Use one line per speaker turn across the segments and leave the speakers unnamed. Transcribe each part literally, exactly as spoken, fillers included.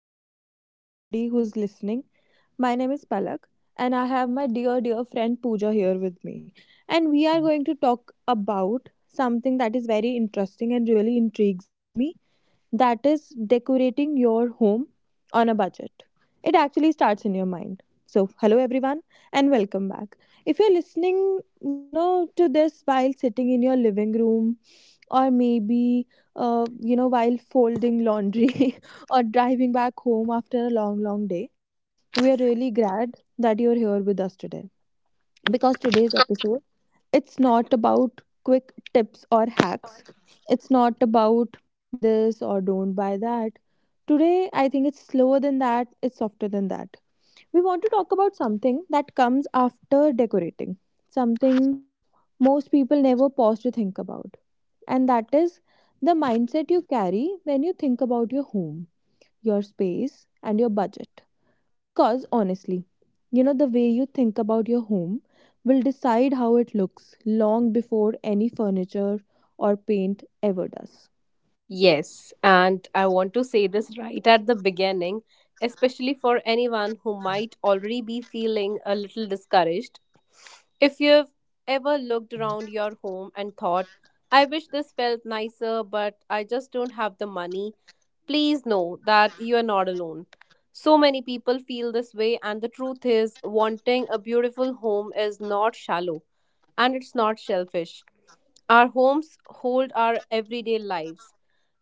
welcome to everybody who's listening. My name is Palak and I have my dear, dear friend Pooja here with me. And we are going to talk about something that is very interesting and really intrigues me, that is decorating your home on a budget. It actually starts in your mind. So, hello everyone and welcome back. If you're listening, you know, to this while sitting in your living room, or maybe uh, you know while folding laundry or driving back home after a long, long day. We are really glad that you're here with us today, because today's episode, it's not about quick tips or hacks, it's not about buy this or don't buy that. Today, I think it's slower than that, it's softer than that. We want to talk about something that comes after decorating, something most people never pause to think about, and that is the mindset you carry when you think about your home, your space, and your budget. Because honestly, you know, the way you think about your home will decide how it looks long before any furniture or paint ever does.
Yes, and I want to say this right at the beginning, especially for anyone who might already be feeling a little discouraged. If you've ever looked around your home and thought, I wish this felt nicer, but I just don't have the money, please know that you are not alone. So many people feel this way, and the truth is, wanting a beautiful home is not shallow and it's not selfish. Our homes hold our everyday lives.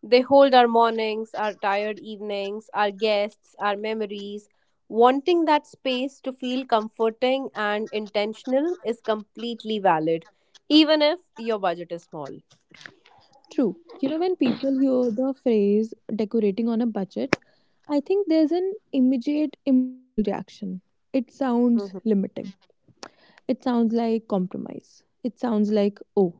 They hold our mornings, our tired evenings, our guests, our memories. Wanting that space to feel comforting and intentional is completely valid, even if your budget is small.
True. You know, when people hear the phrase decorating on a budget, I think there's an immediate emotional reaction. It sounds
Mhm.
limiting. It sounds like compromise. It sounds like, oh,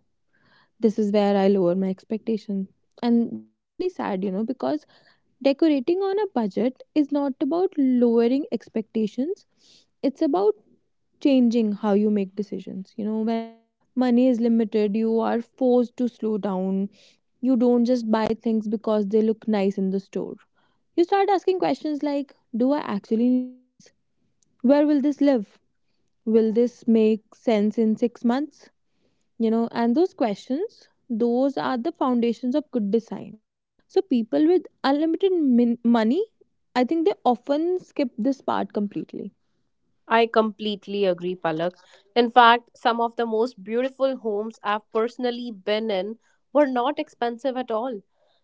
this is where I lower my expectation. And that's really sad, you know, because decorating on a budget is not about lowering expectations, it's about changing how you make decisions. You know, when money is limited, you are forced to slow down. You don't just buy things because they look nice in the store. You start asking questions like, do I actually need this? Where will this live? Will this make sense in six months? You know and those questions, those are the foundations of good design. So people with unlimited min- money, I think they often skip this part completely.
I completely agree, Palak. In fact, some of the most beautiful homes I've personally been in were not expensive at all.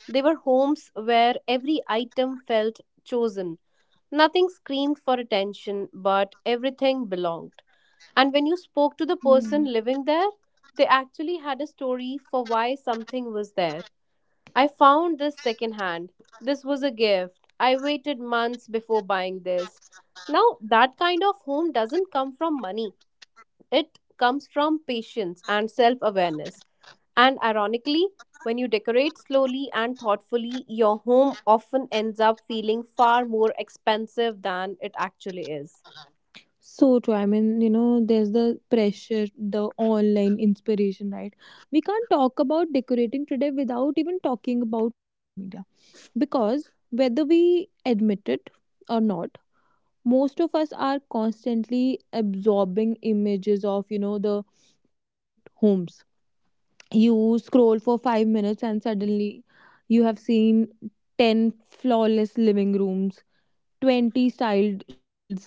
They were homes where every item felt chosen. Nothing screamed for attention, but everything belonged. And when you spoke to the person living there, they actually had a story for why something was there. I found this secondhand. This was a gift. I waited months before buying this. Now, that kind of home doesn't come from money, it comes from patience and self awareness. And ironically, when you decorate slowly and thoughtfully, your home often ends up feeling far more expensive than it actually is.
So true. I mean, you know, there's the pressure, the online inspiration, right? We can't talk about decorating today without even talking about social media, because whether we admit it or not, most of us are constantly absorbing images of, you know, the perfect homes. You scroll for five minutes and suddenly you have seen ten flawless living rooms, twenty styled shelves,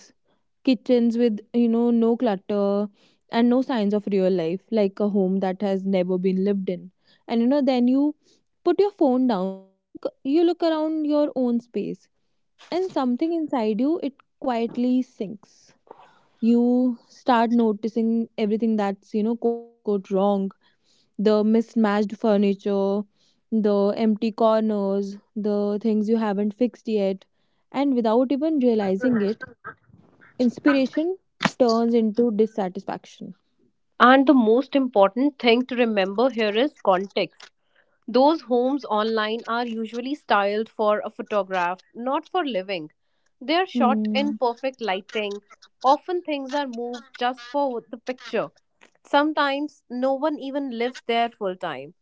kitchens with you know no clutter and no signs of real life, like a home that has never been lived in. And you know then you put your phone down, look you look around your own space, and something inside you, it quietly sinks. You start noticing everything that's, you know quote unquote, wrong: the mismatched furniture, the empty corners, the things you haven't fixed yet. And without even realizing it, inspiration turns into dissatisfaction.
And the most important thing to remember here is context. Those homes online are usually styled for a photograph, not for living. They are shot in
Hmm.
perfect lighting. Often things are moved just for the picture. Sometimes no one even lives there full time.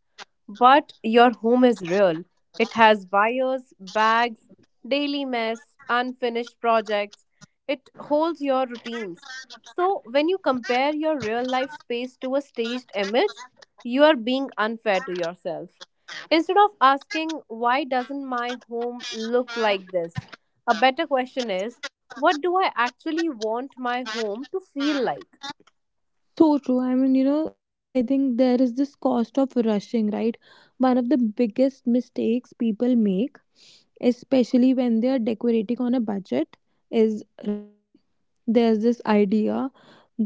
But your home is real. It has wires, bags, daily mess, unfinished projects. It holds your routines. So, when you compare your real life space to a staged image, you are being unfair to yourself. Instead of asking, why doesn't my home look like this? A better question is, what do I actually want my home to feel like?
So true. I mean, you know, I think there is this cost of rushing, right? One of the biggest mistakes people make, especially when they are decorating on a budget, is rushing. There's this idea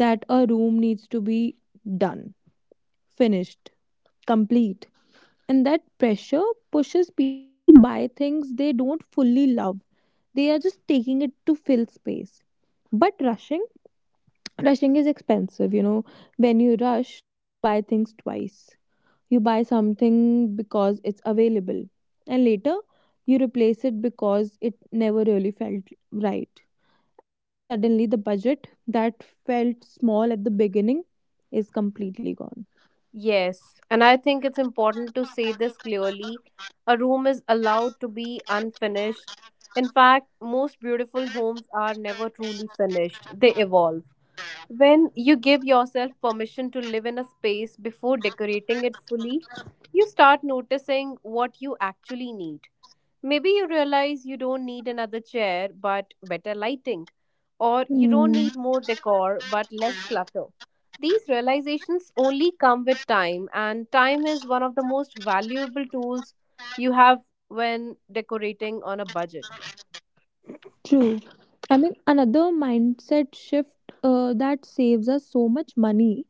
that a room needs to be done, finished, complete. And that pressure pushes people to buy things they don't fully love. They are just taking it to fill space. But rushing, rushing is expensive, you know. When you rush, you buy things twice. You buy something because it's available, and later you replace it because it never really felt right. And you know, suddenly the budget that felt small at the beginning is completely gone.
Yes, and I think it's important to say this clearly. A room is allowed to be unfinished. In fact, most beautiful homes are never truly finished, they evolve. When you give yourself permission to live in a space before decorating it fully, you start noticing what you actually need. Maybe you realize you don't need another chair but better lighting, or you don't
Hmm.
need more decor but less clutter. These realizations only come with time, and time is one of the most valuable tools you have when decorating on a budget.
True. I mean, another mindset shift uh, that saves us so much money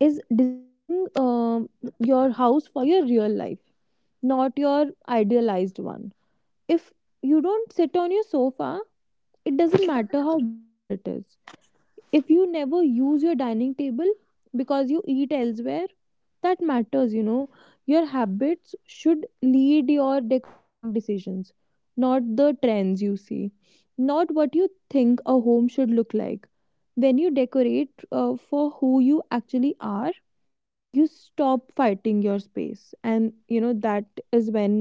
is designing um, your house for your real life, not your idealized one. If you don't sit on your sofa, it doesn't matter how beautiful it is. If you never use your dining table because you eat elsewhere, that matters, you know. Your habits should lead your decorating decisions, not the trends you see, not what you think a home should look like. When you decorate uh, for who you actually are, you stop fighting your space, and you know, that is when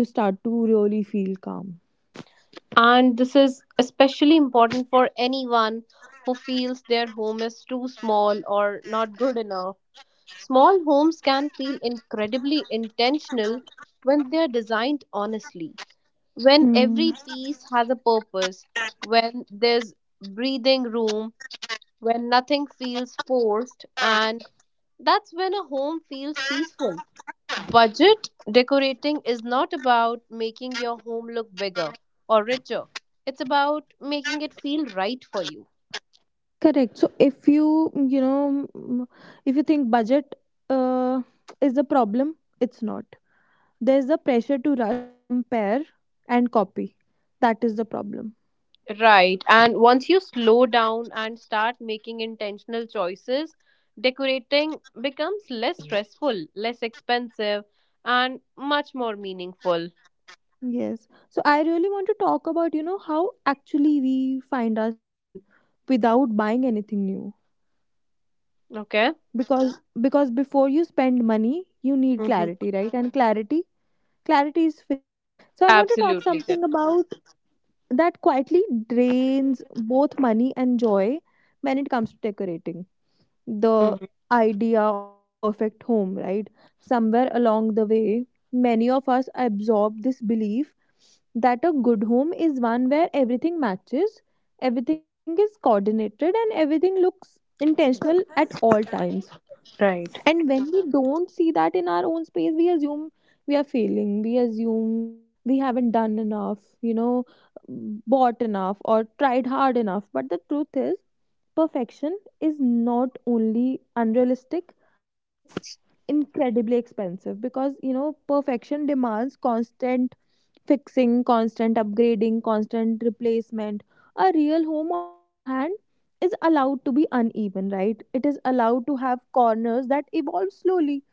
you start to really feel calm.
And this is especially important for anyone who feels their home is too small or not good enough. Small homes can feel incredibly intentional when they are designed honestly, when
Hmm.
every piece has a purpose, when there's breathing room, when nothing feels forced, and that's when a home feels peaceful. Budget decorating is not about making your home look bigger or richer. It's about making it feel right for you.
Correct. So if you, you know, mm, if you think budget uh, is the problem, it's not. There's a pressure to rush, compare, and copy. That is the problem.
Right. And once you slow down and start making intentional choices, decorating becomes less stressful, less expensive, and much more meaningful.
Yes. So I really want to talk about, you know, how actually we find our style without buying anything new.
Okay?
Because because before you spend money, you need
Mm-hmm.
clarity, right? And clarity, clarity is free. So I want to talk
Absolutely correct.
something about that quietly drains both money and joy when it comes to decorating. The
Hmm.
idea of the perfect home, right? Somewhere along the way, many of us absorb this belief that a good home is one where everything matches, everything is coordinated, and everything looks intentional at all times.
Right.
And when we don't see that in our own space, we assume we are failing. We assume we haven't done enough, you know, bought enough or tried hard enough. But the truth is, perfection is not only unrealistic, it's incredibly expensive, because, you know, perfection demands constant fixing, constant upgrading, constant replacement. A real home, on the other hand, is allowed to be uneven, right? It is allowed to have corners that evolve slowly.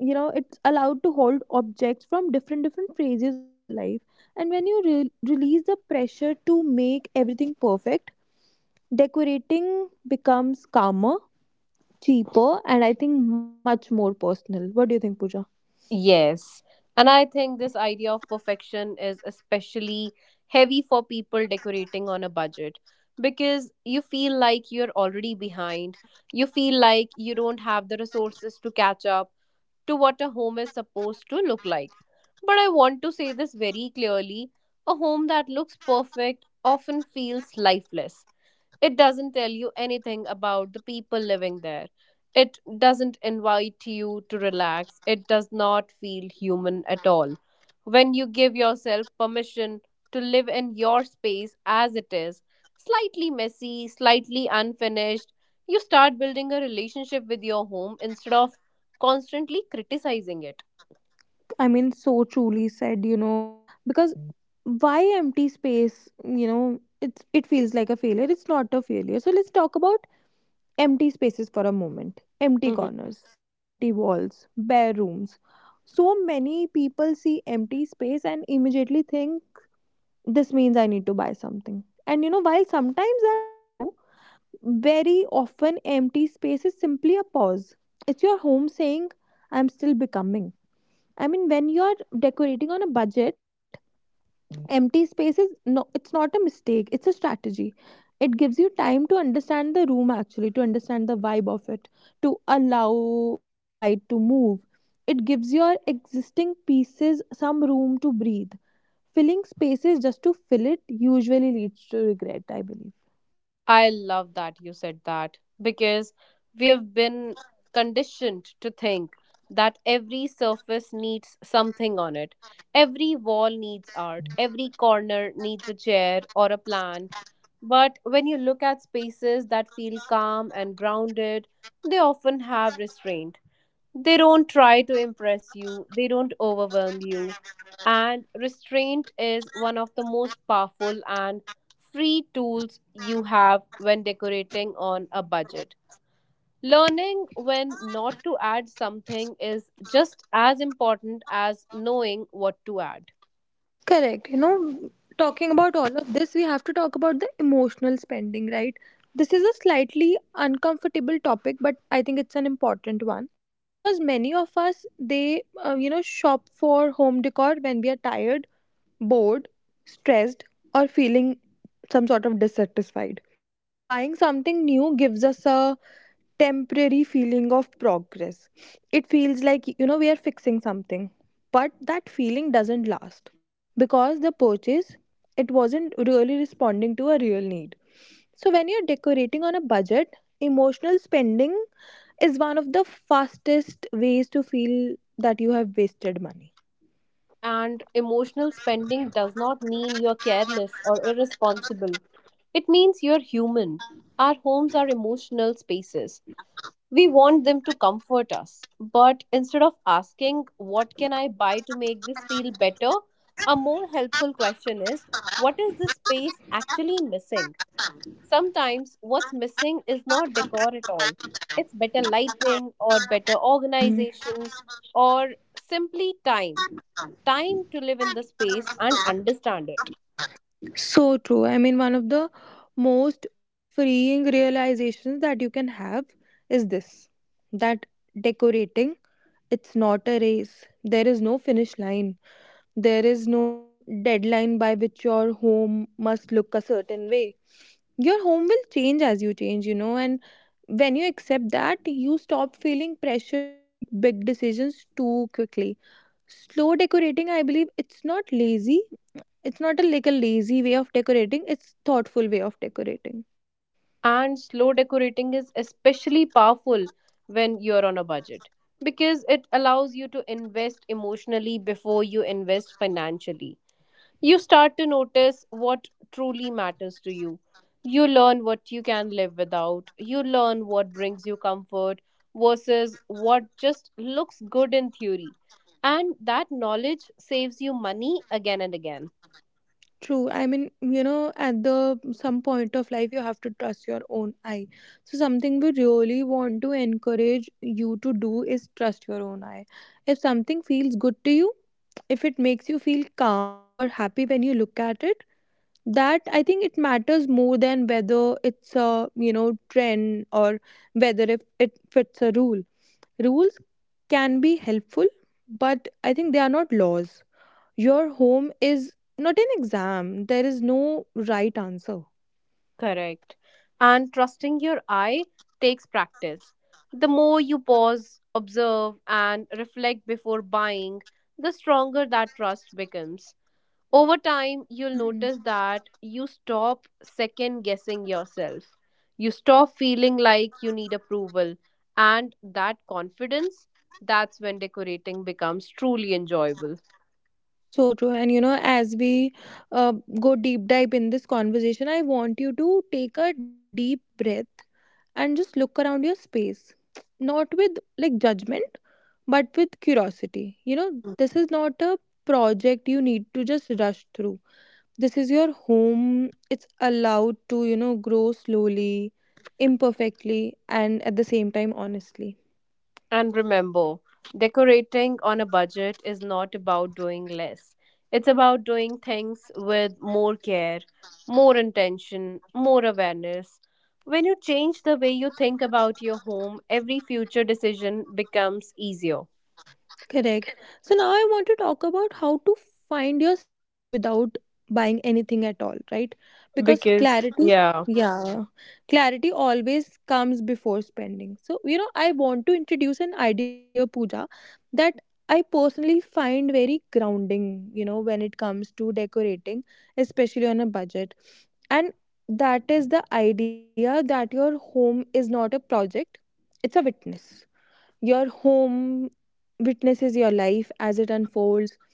You know, it's allowed to hold objects from different different phases of your life. And when you re- release the pressure to make everything perfect, decorating becomes calmer, cheaper, and I think much more personal. What do you think, Pooja?
Yes. And I think this idea of perfection is especially heavy for people decorating on a budget because you feel like you're already behind. You feel like you don't have the resources to catch up to what a home is supposed to look like. But I want to say this very clearly, a home that looks perfect often feels lifeless. It doesn't tell you anything about the people living there. It doesn't invite you to relax. It does not feel human at all. When you give yourself permission to live in your space as it is, slightly messy, slightly unfinished, you start building a relationship with your home instead of constantly criticizing it.
I mean, so truly said, you know, because why empty space? You know, it's it feels like a failure. It's not a failure. So let's talk about empty spaces for a moment. Empty
Mhm.
corners, empty walls, bare rooms. So many people see empty space and immediately think, this means I need to buy something. And you know, while sometimes that's true, very often empty space is simply a pause. It's your home saying, I'm still becoming. I mean, when you're decorating on a budget, empty space is no, it's not a mistake, it's a strategy. It gives you time to understand the room actually, to understand the vibe of it, to allow, you know, light to move. It gives your existing pieces some room to breathe. Filling spaces just to fill it usually leads to regret, I believe.
I love that you said that because we have been conditioned to think that every surface needs something on it. Every wall needs art, every corner needs a chair or a plant. But when you look at spaces that feel calm and grounded, they often have restraint. They don't try to impress you, they don't overwhelm you. And restraint is one of the most powerful and free tools you have when decorating on a budget. Learning when not to add something is just as important as knowing what to add.
Correct. You know, talking about all of this, we have to talk about the emotional spending, right? This is a slightly uncomfortable topic, but I think it's an important one, because many of us, they uh, you know shop for home decor when we are tired, bored, stressed, or feeling some sort of dissatisfied. Buying something new gives us a temporary feeling of progress. It feels like, you know, we are fixing something. But that feeling doesn't last because the purchase, it wasn't really responding to a real need. So when you're decorating on a budget, emotional spending is one of the fastest ways to feel that you have wasted money.
And emotional spending does not mean you're careless or irresponsible. It means you're human. Our homes are emotional spaces. We want them to comfort us. But instead of asking, what can I buy to make this feel better? A more helpful question is, what is this space actually missing? Sometimes what's missing is not decor at all, it's better lighting or better
Hmm.
organization, or simply time. Time to live in the space and understand it.
So true. I mean, one of the most freeing realizations that you can have is this, that decorating, it's not a race. There is no finish line. There is no deadline by which your home must look a certain way. Your home will change as you change, you know, and when you accept that, you stop feeling pressure to make big decisions too quickly. Slow decorating, I believe, it's not lazy. It's not a like a lazy way of decorating. It's thoughtful way of decorating.
And slow decorating is especially powerful when you're on a budget because it allows you to invest emotionally before you invest financially. You start to notice what truly matters to you. You learn what you can live without. You learn what brings you comfort versus what just looks good in theory. And that knowledge saves you money again and again.
True. I mean, you know, at the some point of life, you have to trust your own eye. So something we really want to encourage you to do is trust your own eye. If something feels good to you, if it makes you feel calm or happy when you look at it, that I think it matters more than whether it's a, you know trend, or whether if it fits a rule. Rules can be helpful, but I think they are not laws. Your home is not an exam. There is no right answer.
Correct. And trusting your eye takes practice. The more you pause, observe, and reflect before buying, the stronger that trust becomes. Over time, you'll
Mm.
notice that you stop second guessing yourself. You stop feeling like you need approval. And that confidence, that's when decorating becomes truly enjoyable.
So true. And you know, as we uh, go deep dive in this conversation, I want you to take a deep breath and just look around your space. Not with like judgment, but with curiosity. You know, this is not a project you need to just rush through. This is your home. It's allowed to, you know, grow slowly, imperfectly, and at the same time, honestly.
And remember, decorating on a budget is not about doing less. It's about doing things with more care, more intention, more awareness. When you change the way you think about your home, every future decision becomes easier.
Correct. So now I want to talk about how to find your style without buying anything at all, right? Because
Because,
clarity,
yeah,
yeah, clarity always comes before spending. So, you know, I want to introduce an idea here, Pooja, that I personally find very grounding, you know, when it comes to decorating, especially on a budget. And that is the idea that your home is not a project, it's a witness. Your home witnesses your life as it unfolds.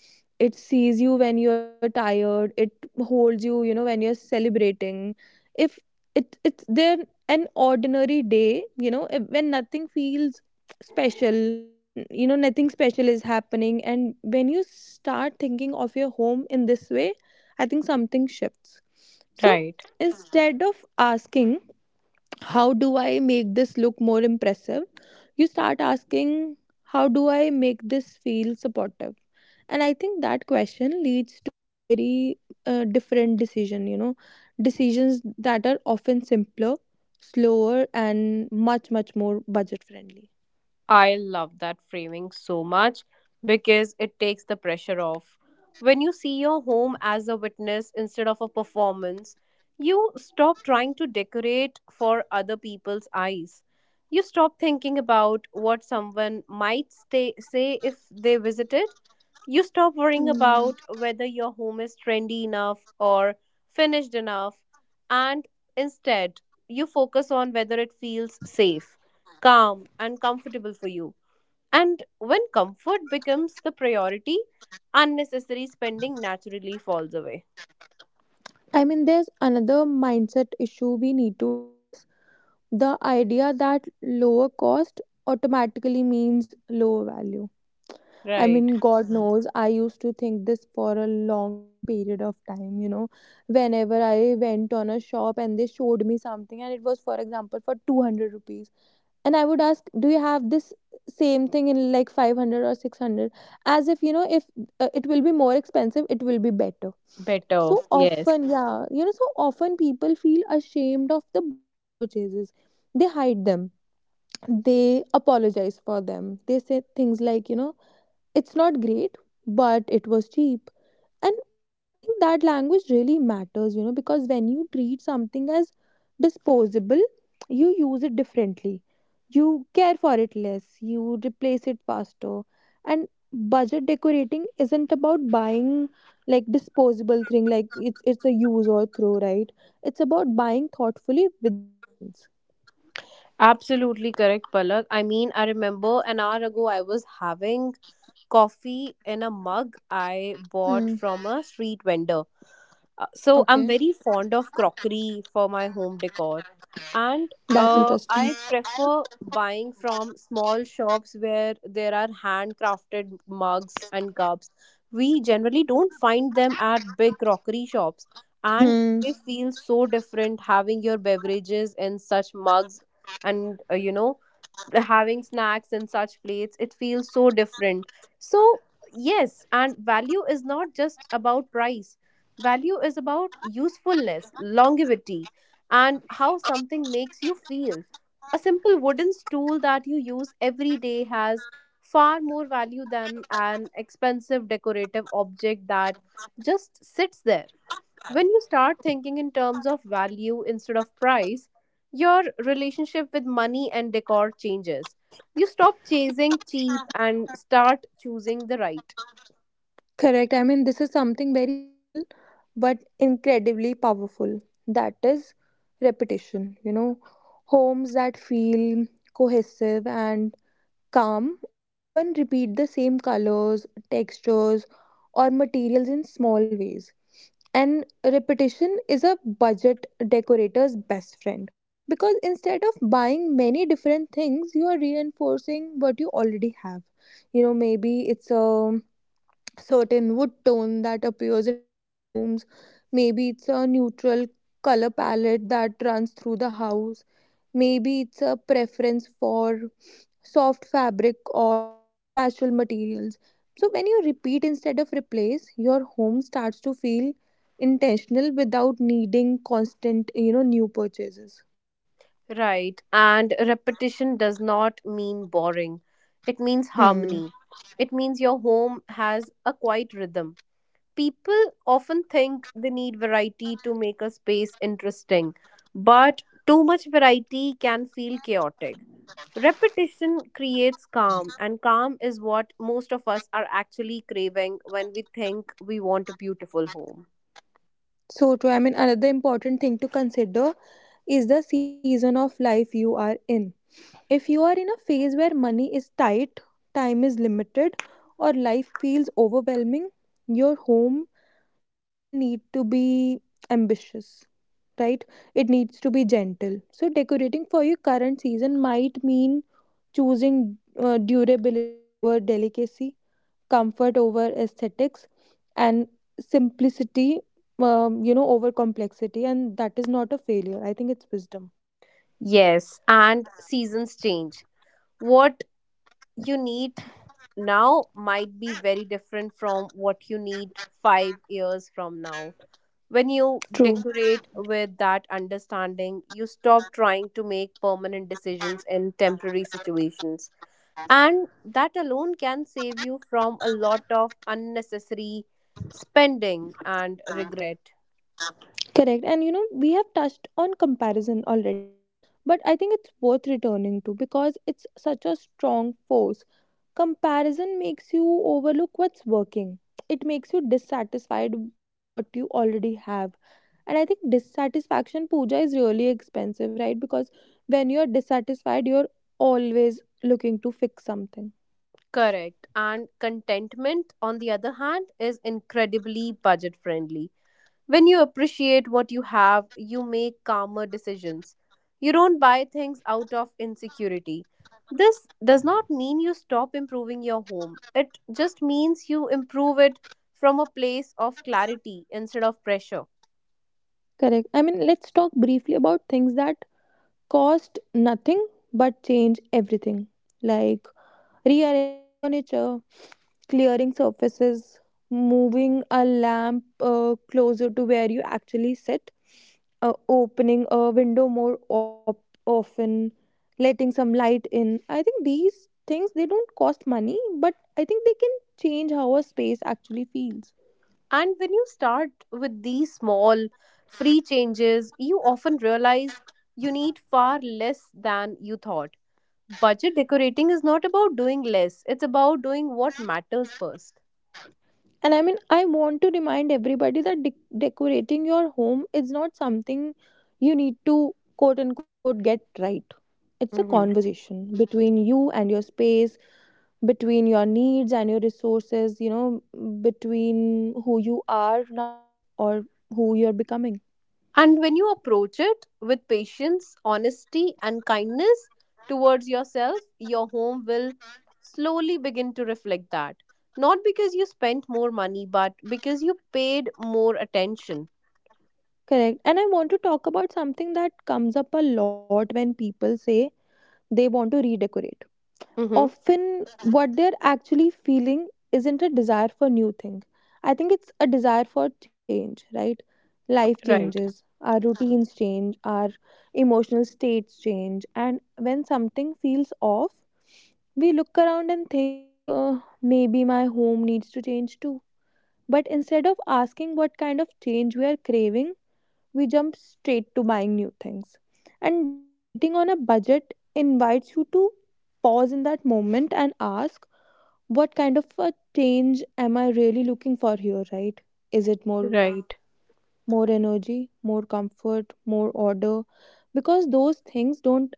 It sees you when you're tired. It holds you, you know, when you're celebrating. If it it's there an ordinary day, you know, if- when nothing feels special, n- you know, nothing special is happening. And when you start thinking of your home in this way, I think something shifts. So
right.
instead of asking, how do I make this look more impressive? You start asking, how do I make this feel supportive? And I think that question leads to a very uh, different decision, you know, decisions that are often simpler, slower, and much, much more budget friendly.
I love that framing so much because it takes the pressure off. When you see your home as a witness instead of a performance, you stop trying to decorate for other people's eyes. You stop thinking about what someone might stay, say if they visited. You stop worrying about whether your home is trendy enough or finished enough, and instead, you focus on whether it feels safe, calm, and comfortable for you. And when comfort becomes the priority, unnecessary spending naturally falls away.
I mean, there's another mindset issue we need to address: the idea that lower cost automatically means lower value. I
Right.
mean, God knows, I used to think this for a long, long period of time. You know, whenever I went on a shop and they showed me something, and it was, for example, for two hundred rupees, and I would ask, do you have this same thing in like five hundred or six hundred? As if, you know, if uh, it will be more expensive, it will be better. So,
Better.
mhm,
Yes.
often, yeah, you know, so often people feel ashamed of the budget purchases. They hide them, they apologize for them, they say things like, you know, it's not great but it was cheap. And I think that language really matters, you know, because when you treat something as disposable, you use it differently, you care for it less, you replace it faster. And budget decorating isn't about buying like disposable thing, like it's it's a use or throw, right? It's about buying thoughtfully within your means.
Absolutely correct, Palak. I mean, I remember an hour ago I was having coffee in a mug I bought
Hmm.
from a street vendor. Uh, so I'm
Okay.
very fond of crockery for my home decor, and
That's
uh, I
interesting.
prefer buying from small shops where there are handcrafted mugs and cups. We generally don't find them at big crockery shops, and
Hmm.
they feel so different having your beverages in such mugs, and uh, you know having snacks in such plates, it feels so different. So, yes, and value is not just about price. Value is about usefulness, longevity, and how something makes you feel. A simple wooden stool that you use every day has far more value than an expensive decorative object that just sits there. When you start thinking in terms of value instead of price, your relationship with money and decor changes. You stop chasing cheap and start choosing the right.
Correct. I mean, this is something very subtle but incredibly powerful. That is repetition. You know, homes that feel cohesive and calm often repeat the same colors, textures, or materials in small ways. And repetition is a budget decorator's best friend, because instead of buying many different things, you are reinforcing what you already have. You know, maybe it's a certain wood tone that appears in different rooms. Maybe it's a neutral color palette that runs through the house. Maybe it's a preference for soft fabric or, you know, natural materials. So when you repeat instead of replace, your home starts to feel intentional without needing constant, you know, new purchases.
Right. And repetition does not mean boring, it means
Hmm.
harmony. It means your home has a quiet rhythm. People
True.
often think they need variety to make a space interesting, but too much variety can feel chaotic. Repetition creates calm, and calm is what most of us are actually craving when we think we want a beautiful home.
So true. I mean, another important thing to consider is the season of life you are in. If you are in a phase where money is tight, time is limited, or life feels overwhelming, your home doesn't need to be ambitious, right? It needs to be gentle. So, decorating for your current season might mean choosing uh, durability over delicacy, comfort over aesthetics, and simplicity, um, you know, over complexity. And that is not a failure. I think it's wisdom.
Yes, and seasons change. What you need now might be very different from what you need five years from now. When you
True.
decorate with that understanding, you stop trying to make permanent decisions in temporary situations. And that alone can save you from a lot of unnecessary spending and regret.
Correct. And you know, we have touched on comparison already, right? But I think it's worth returning to because it's such a strong force. Comparison makes you overlook what's working, it makes you dissatisfied with what you already have. And I think dissatisfaction, puja, is really expensive, right? Because when you're dissatisfied, you're always looking to fix something.
Correct. And contentment, on the other hand, is incredibly budget friendly. When you appreciate what you have, you make calmer decisions. You don't buy things out of insecurity. This does not mean you stop improving your home, it just means you improve it from a place of clarity instead of pressure.
Correct. I mean, let's talk briefly about things that cost nothing but change everything. Like, rearranging furniture, clearing surfaces, moving a lamp uh, closer to where you actually sit, uh, opening a window more op- often, letting some light in. I think these things, they don't cost money, but I think they can change how a space actually feels.
And when you start with these small, free changes, you often realize you need far less than you thought. Budget decorating is not about doing less, it's about doing what matters first.
And I mean, I want to remind everybody that de- decorating your home is not something you need to quote unquote get right. It's a conversation between you and your space, between your needs and your resources, you know, between who you are now or who you're becoming.
And when you approach it with patience, honesty, and kindness towards yourself, your home will slowly begin to reflect that. Not because you spent more money, but because you paid more attention.
Correct. And I want to talk about something that comes up a lot when people say they want to redecorate.
Mm-hmm.
Often what they're actually feeling isn't a desire for new thing. I think it's a desire for change, right? Life
Right,
changes, our routines change, our emotional states change. And when something feels off, we look around and think, uh, maybe my home needs to change too. But instead of asking what kind of change we are craving, we jump straight to buying new things. And decorating on a budget invites you to pause in that moment and ask, what kind of a change am I really looking for here, right? Is it more calm,
right.
more energy, more comfort, more order? Because those things don't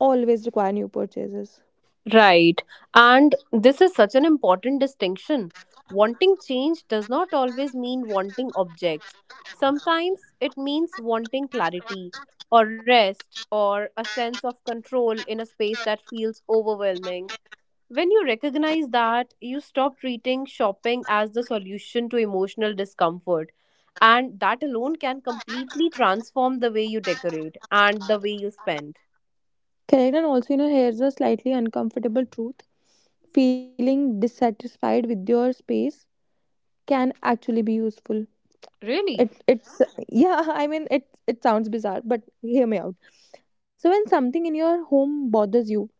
always require new purchases.
Right. And this is such an important distinction. Wanting change does not always mean wanting objects. Sometimes it means wanting clarity or rest or a sense of control in a space that feels overwhelming. When you recognize that, you stop treating shopping as the solution to emotional discomfort. And that alone can completely transform the way you decorate and the way you spend.
Correct, and also, you know, here's a slightly uncomfortable truth: feeling dissatisfied with your space can actually be useful.
Really?
It it's yeah, I mean, it it sounds bizarre, but hear me out. So when something in your home bothers you,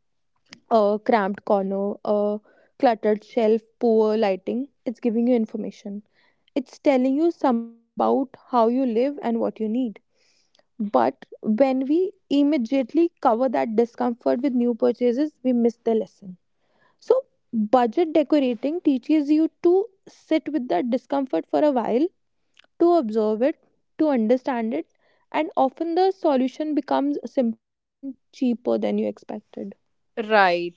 a cramped corner, a cluttered shelf, poor lighting, it's giving you information. It's telling you something about how you live and what you need. But when we immediately cover that discomfort with new purchases, we miss the lesson. So budget decorating teaches you to sit with that discomfort for a while, to observe it, to understand it, and often the solution becomes simpler and cheaper than you expected.
Right.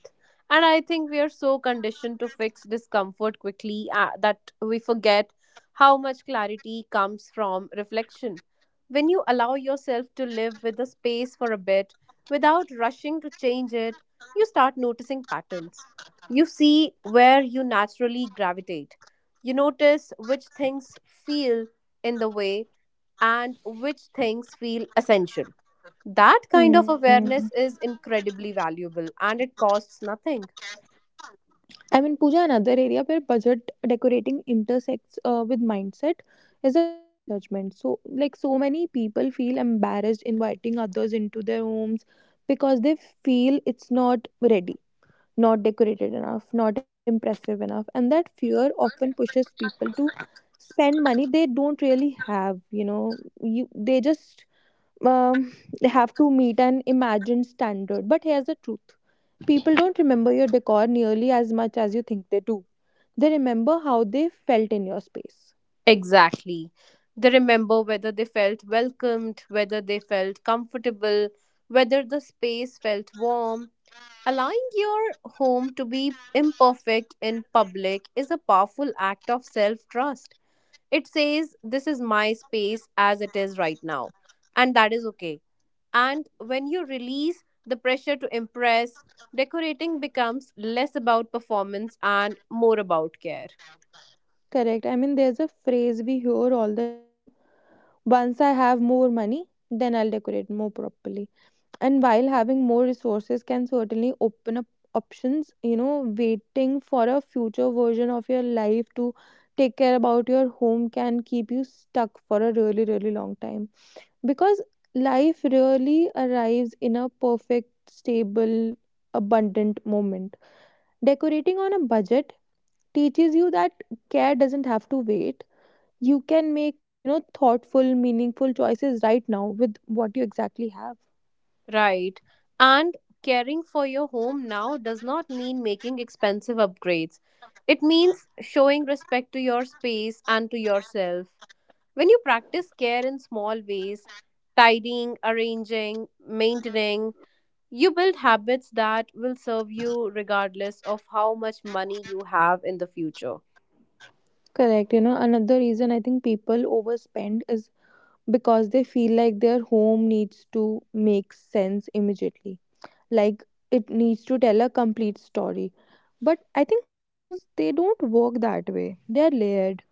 And I think we are so conditioned to fix discomfort quickly uh, that we forget how much clarity comes from reflection. When you allow yourself to live with the space for a bit without rushing to change it, you start noticing patterns. You see where you naturally gravitate. You notice which things feel in the way and which things feel essential. That kind of
Hmm.
awareness is incredibly valuable and it costs nothing.
I mean, Pooja, another area where budget decorating intersects uh, with mindset is a fear of judgment. So, like, so many people feel embarrassed inviting others into their homes because they feel it's not ready, not decorated enough, not impressive enough. And that fear often pushes people to spend money they don't really have, you know, you, they just um, they have to meet an imagined standard. But here's the truth: people don't remember your decor nearly as much as you think they do. They remember how they felt in your space.
Exactly. They remember whether they felt welcomed, whether they felt comfortable, whether the space felt warm. Allowing your home to be imperfect in public is a powerful act of self trust. It says, this is my space as it is right now, and that is okay. And when you release the pressure to impress, decorating becomes less about performance and more about care.
Correct. I mean, there's a phrase we hear all the time: once I have more money, then I'll decorate more properly. And while having more resources can certainly open up options, you know, waiting for a future version of your life to take care about your home can keep you stuck for a really, really long time, because life rarely arrives in a perfect, stable, abundant moment. Decorating on a budget teaches you that care doesn't have to wait. You can make, you know, thoughtful, meaningful choices right now with what you exactly have.
Right. And caring for your home now does not mean making expensive upgrades. It means showing respect to your space and to yourself. When you practice care in small ways, tidying, arranging, maintaining, you build habits that will serve you regardless of how much money you have in the future.
Correct. You know, another reason I think people overspend is because they feel like their home needs to make sense immediately. Like, it needs to tell a complete story. But I think homes, they don't work that way. They're layered,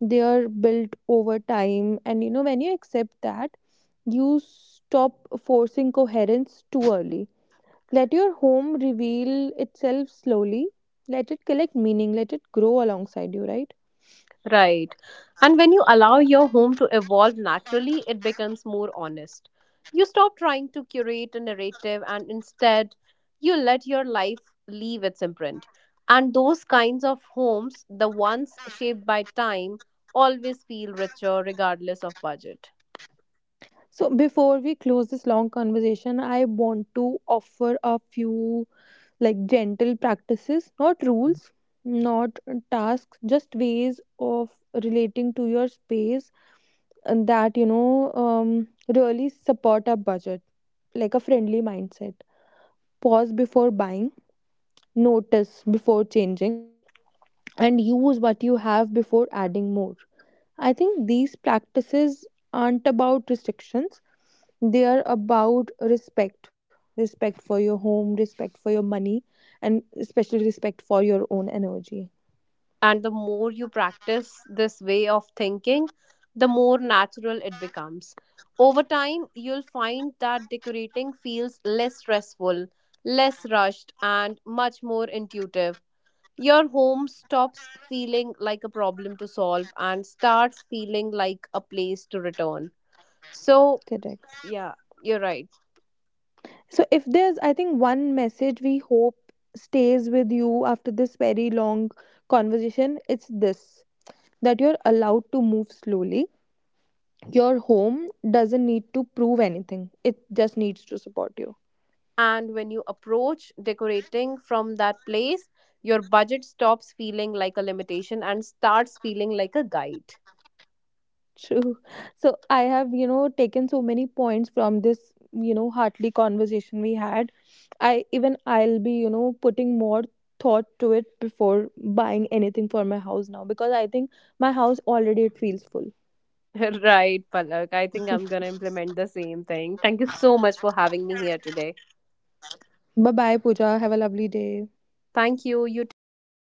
they are built over time. And, you know, when you accept that, you stop forcing coherence too early. Let your home reveal itself slowly. Let it collect meaning. Let it grow alongside you, right?
Right. And when you allow your home to evolve naturally, it becomes more honest. You stop trying to curate a narrative and instead you let your life leave its imprint. And those kinds of homes, the ones shaped by time, always feel richer regardless of budget.
So before we close this long conversation, I want to offer a few like gentle practices, not rules, not tasks, just ways of relating to your space and that, you know, um, really support a budget, like a friendly mindset. Pause before buying, notice before changing, and use what you have before adding more. I think these practices aren't about restrictions, they are about respect. Respect for your home, respect for your money, and especially respect for your own energy.
And the more you practice this way of thinking, the more natural it becomes. Over time, you'll find that decorating feels less stressful, less rushed, and much more intuitive. Your home stops feeling like a problem to solve and starts feeling like a place to return. So,
Correct.
yeah, you're right.
So if there's, I think, one message we hope stays with you after this very long conversation, it's this: that you're allowed to move slowly. Your home doesn't need to prove anything, it just needs to support you.
And when you approach decorating from that place, your budget stops feeling like a limitation and starts feeling like a guide.
True. So I have, you know, taken so many points from this, you know, heartly conversation we had. I even, I'll be, you know, putting more thought to it before buying anything for my house now, because I think my house already, it feels full.
Right, Palak. I think I'm going to implement the same thing. Thank you so much for having me here today.
Bye bye, Pooja. Have a lovely day.
Thank you. You too. Bye bye.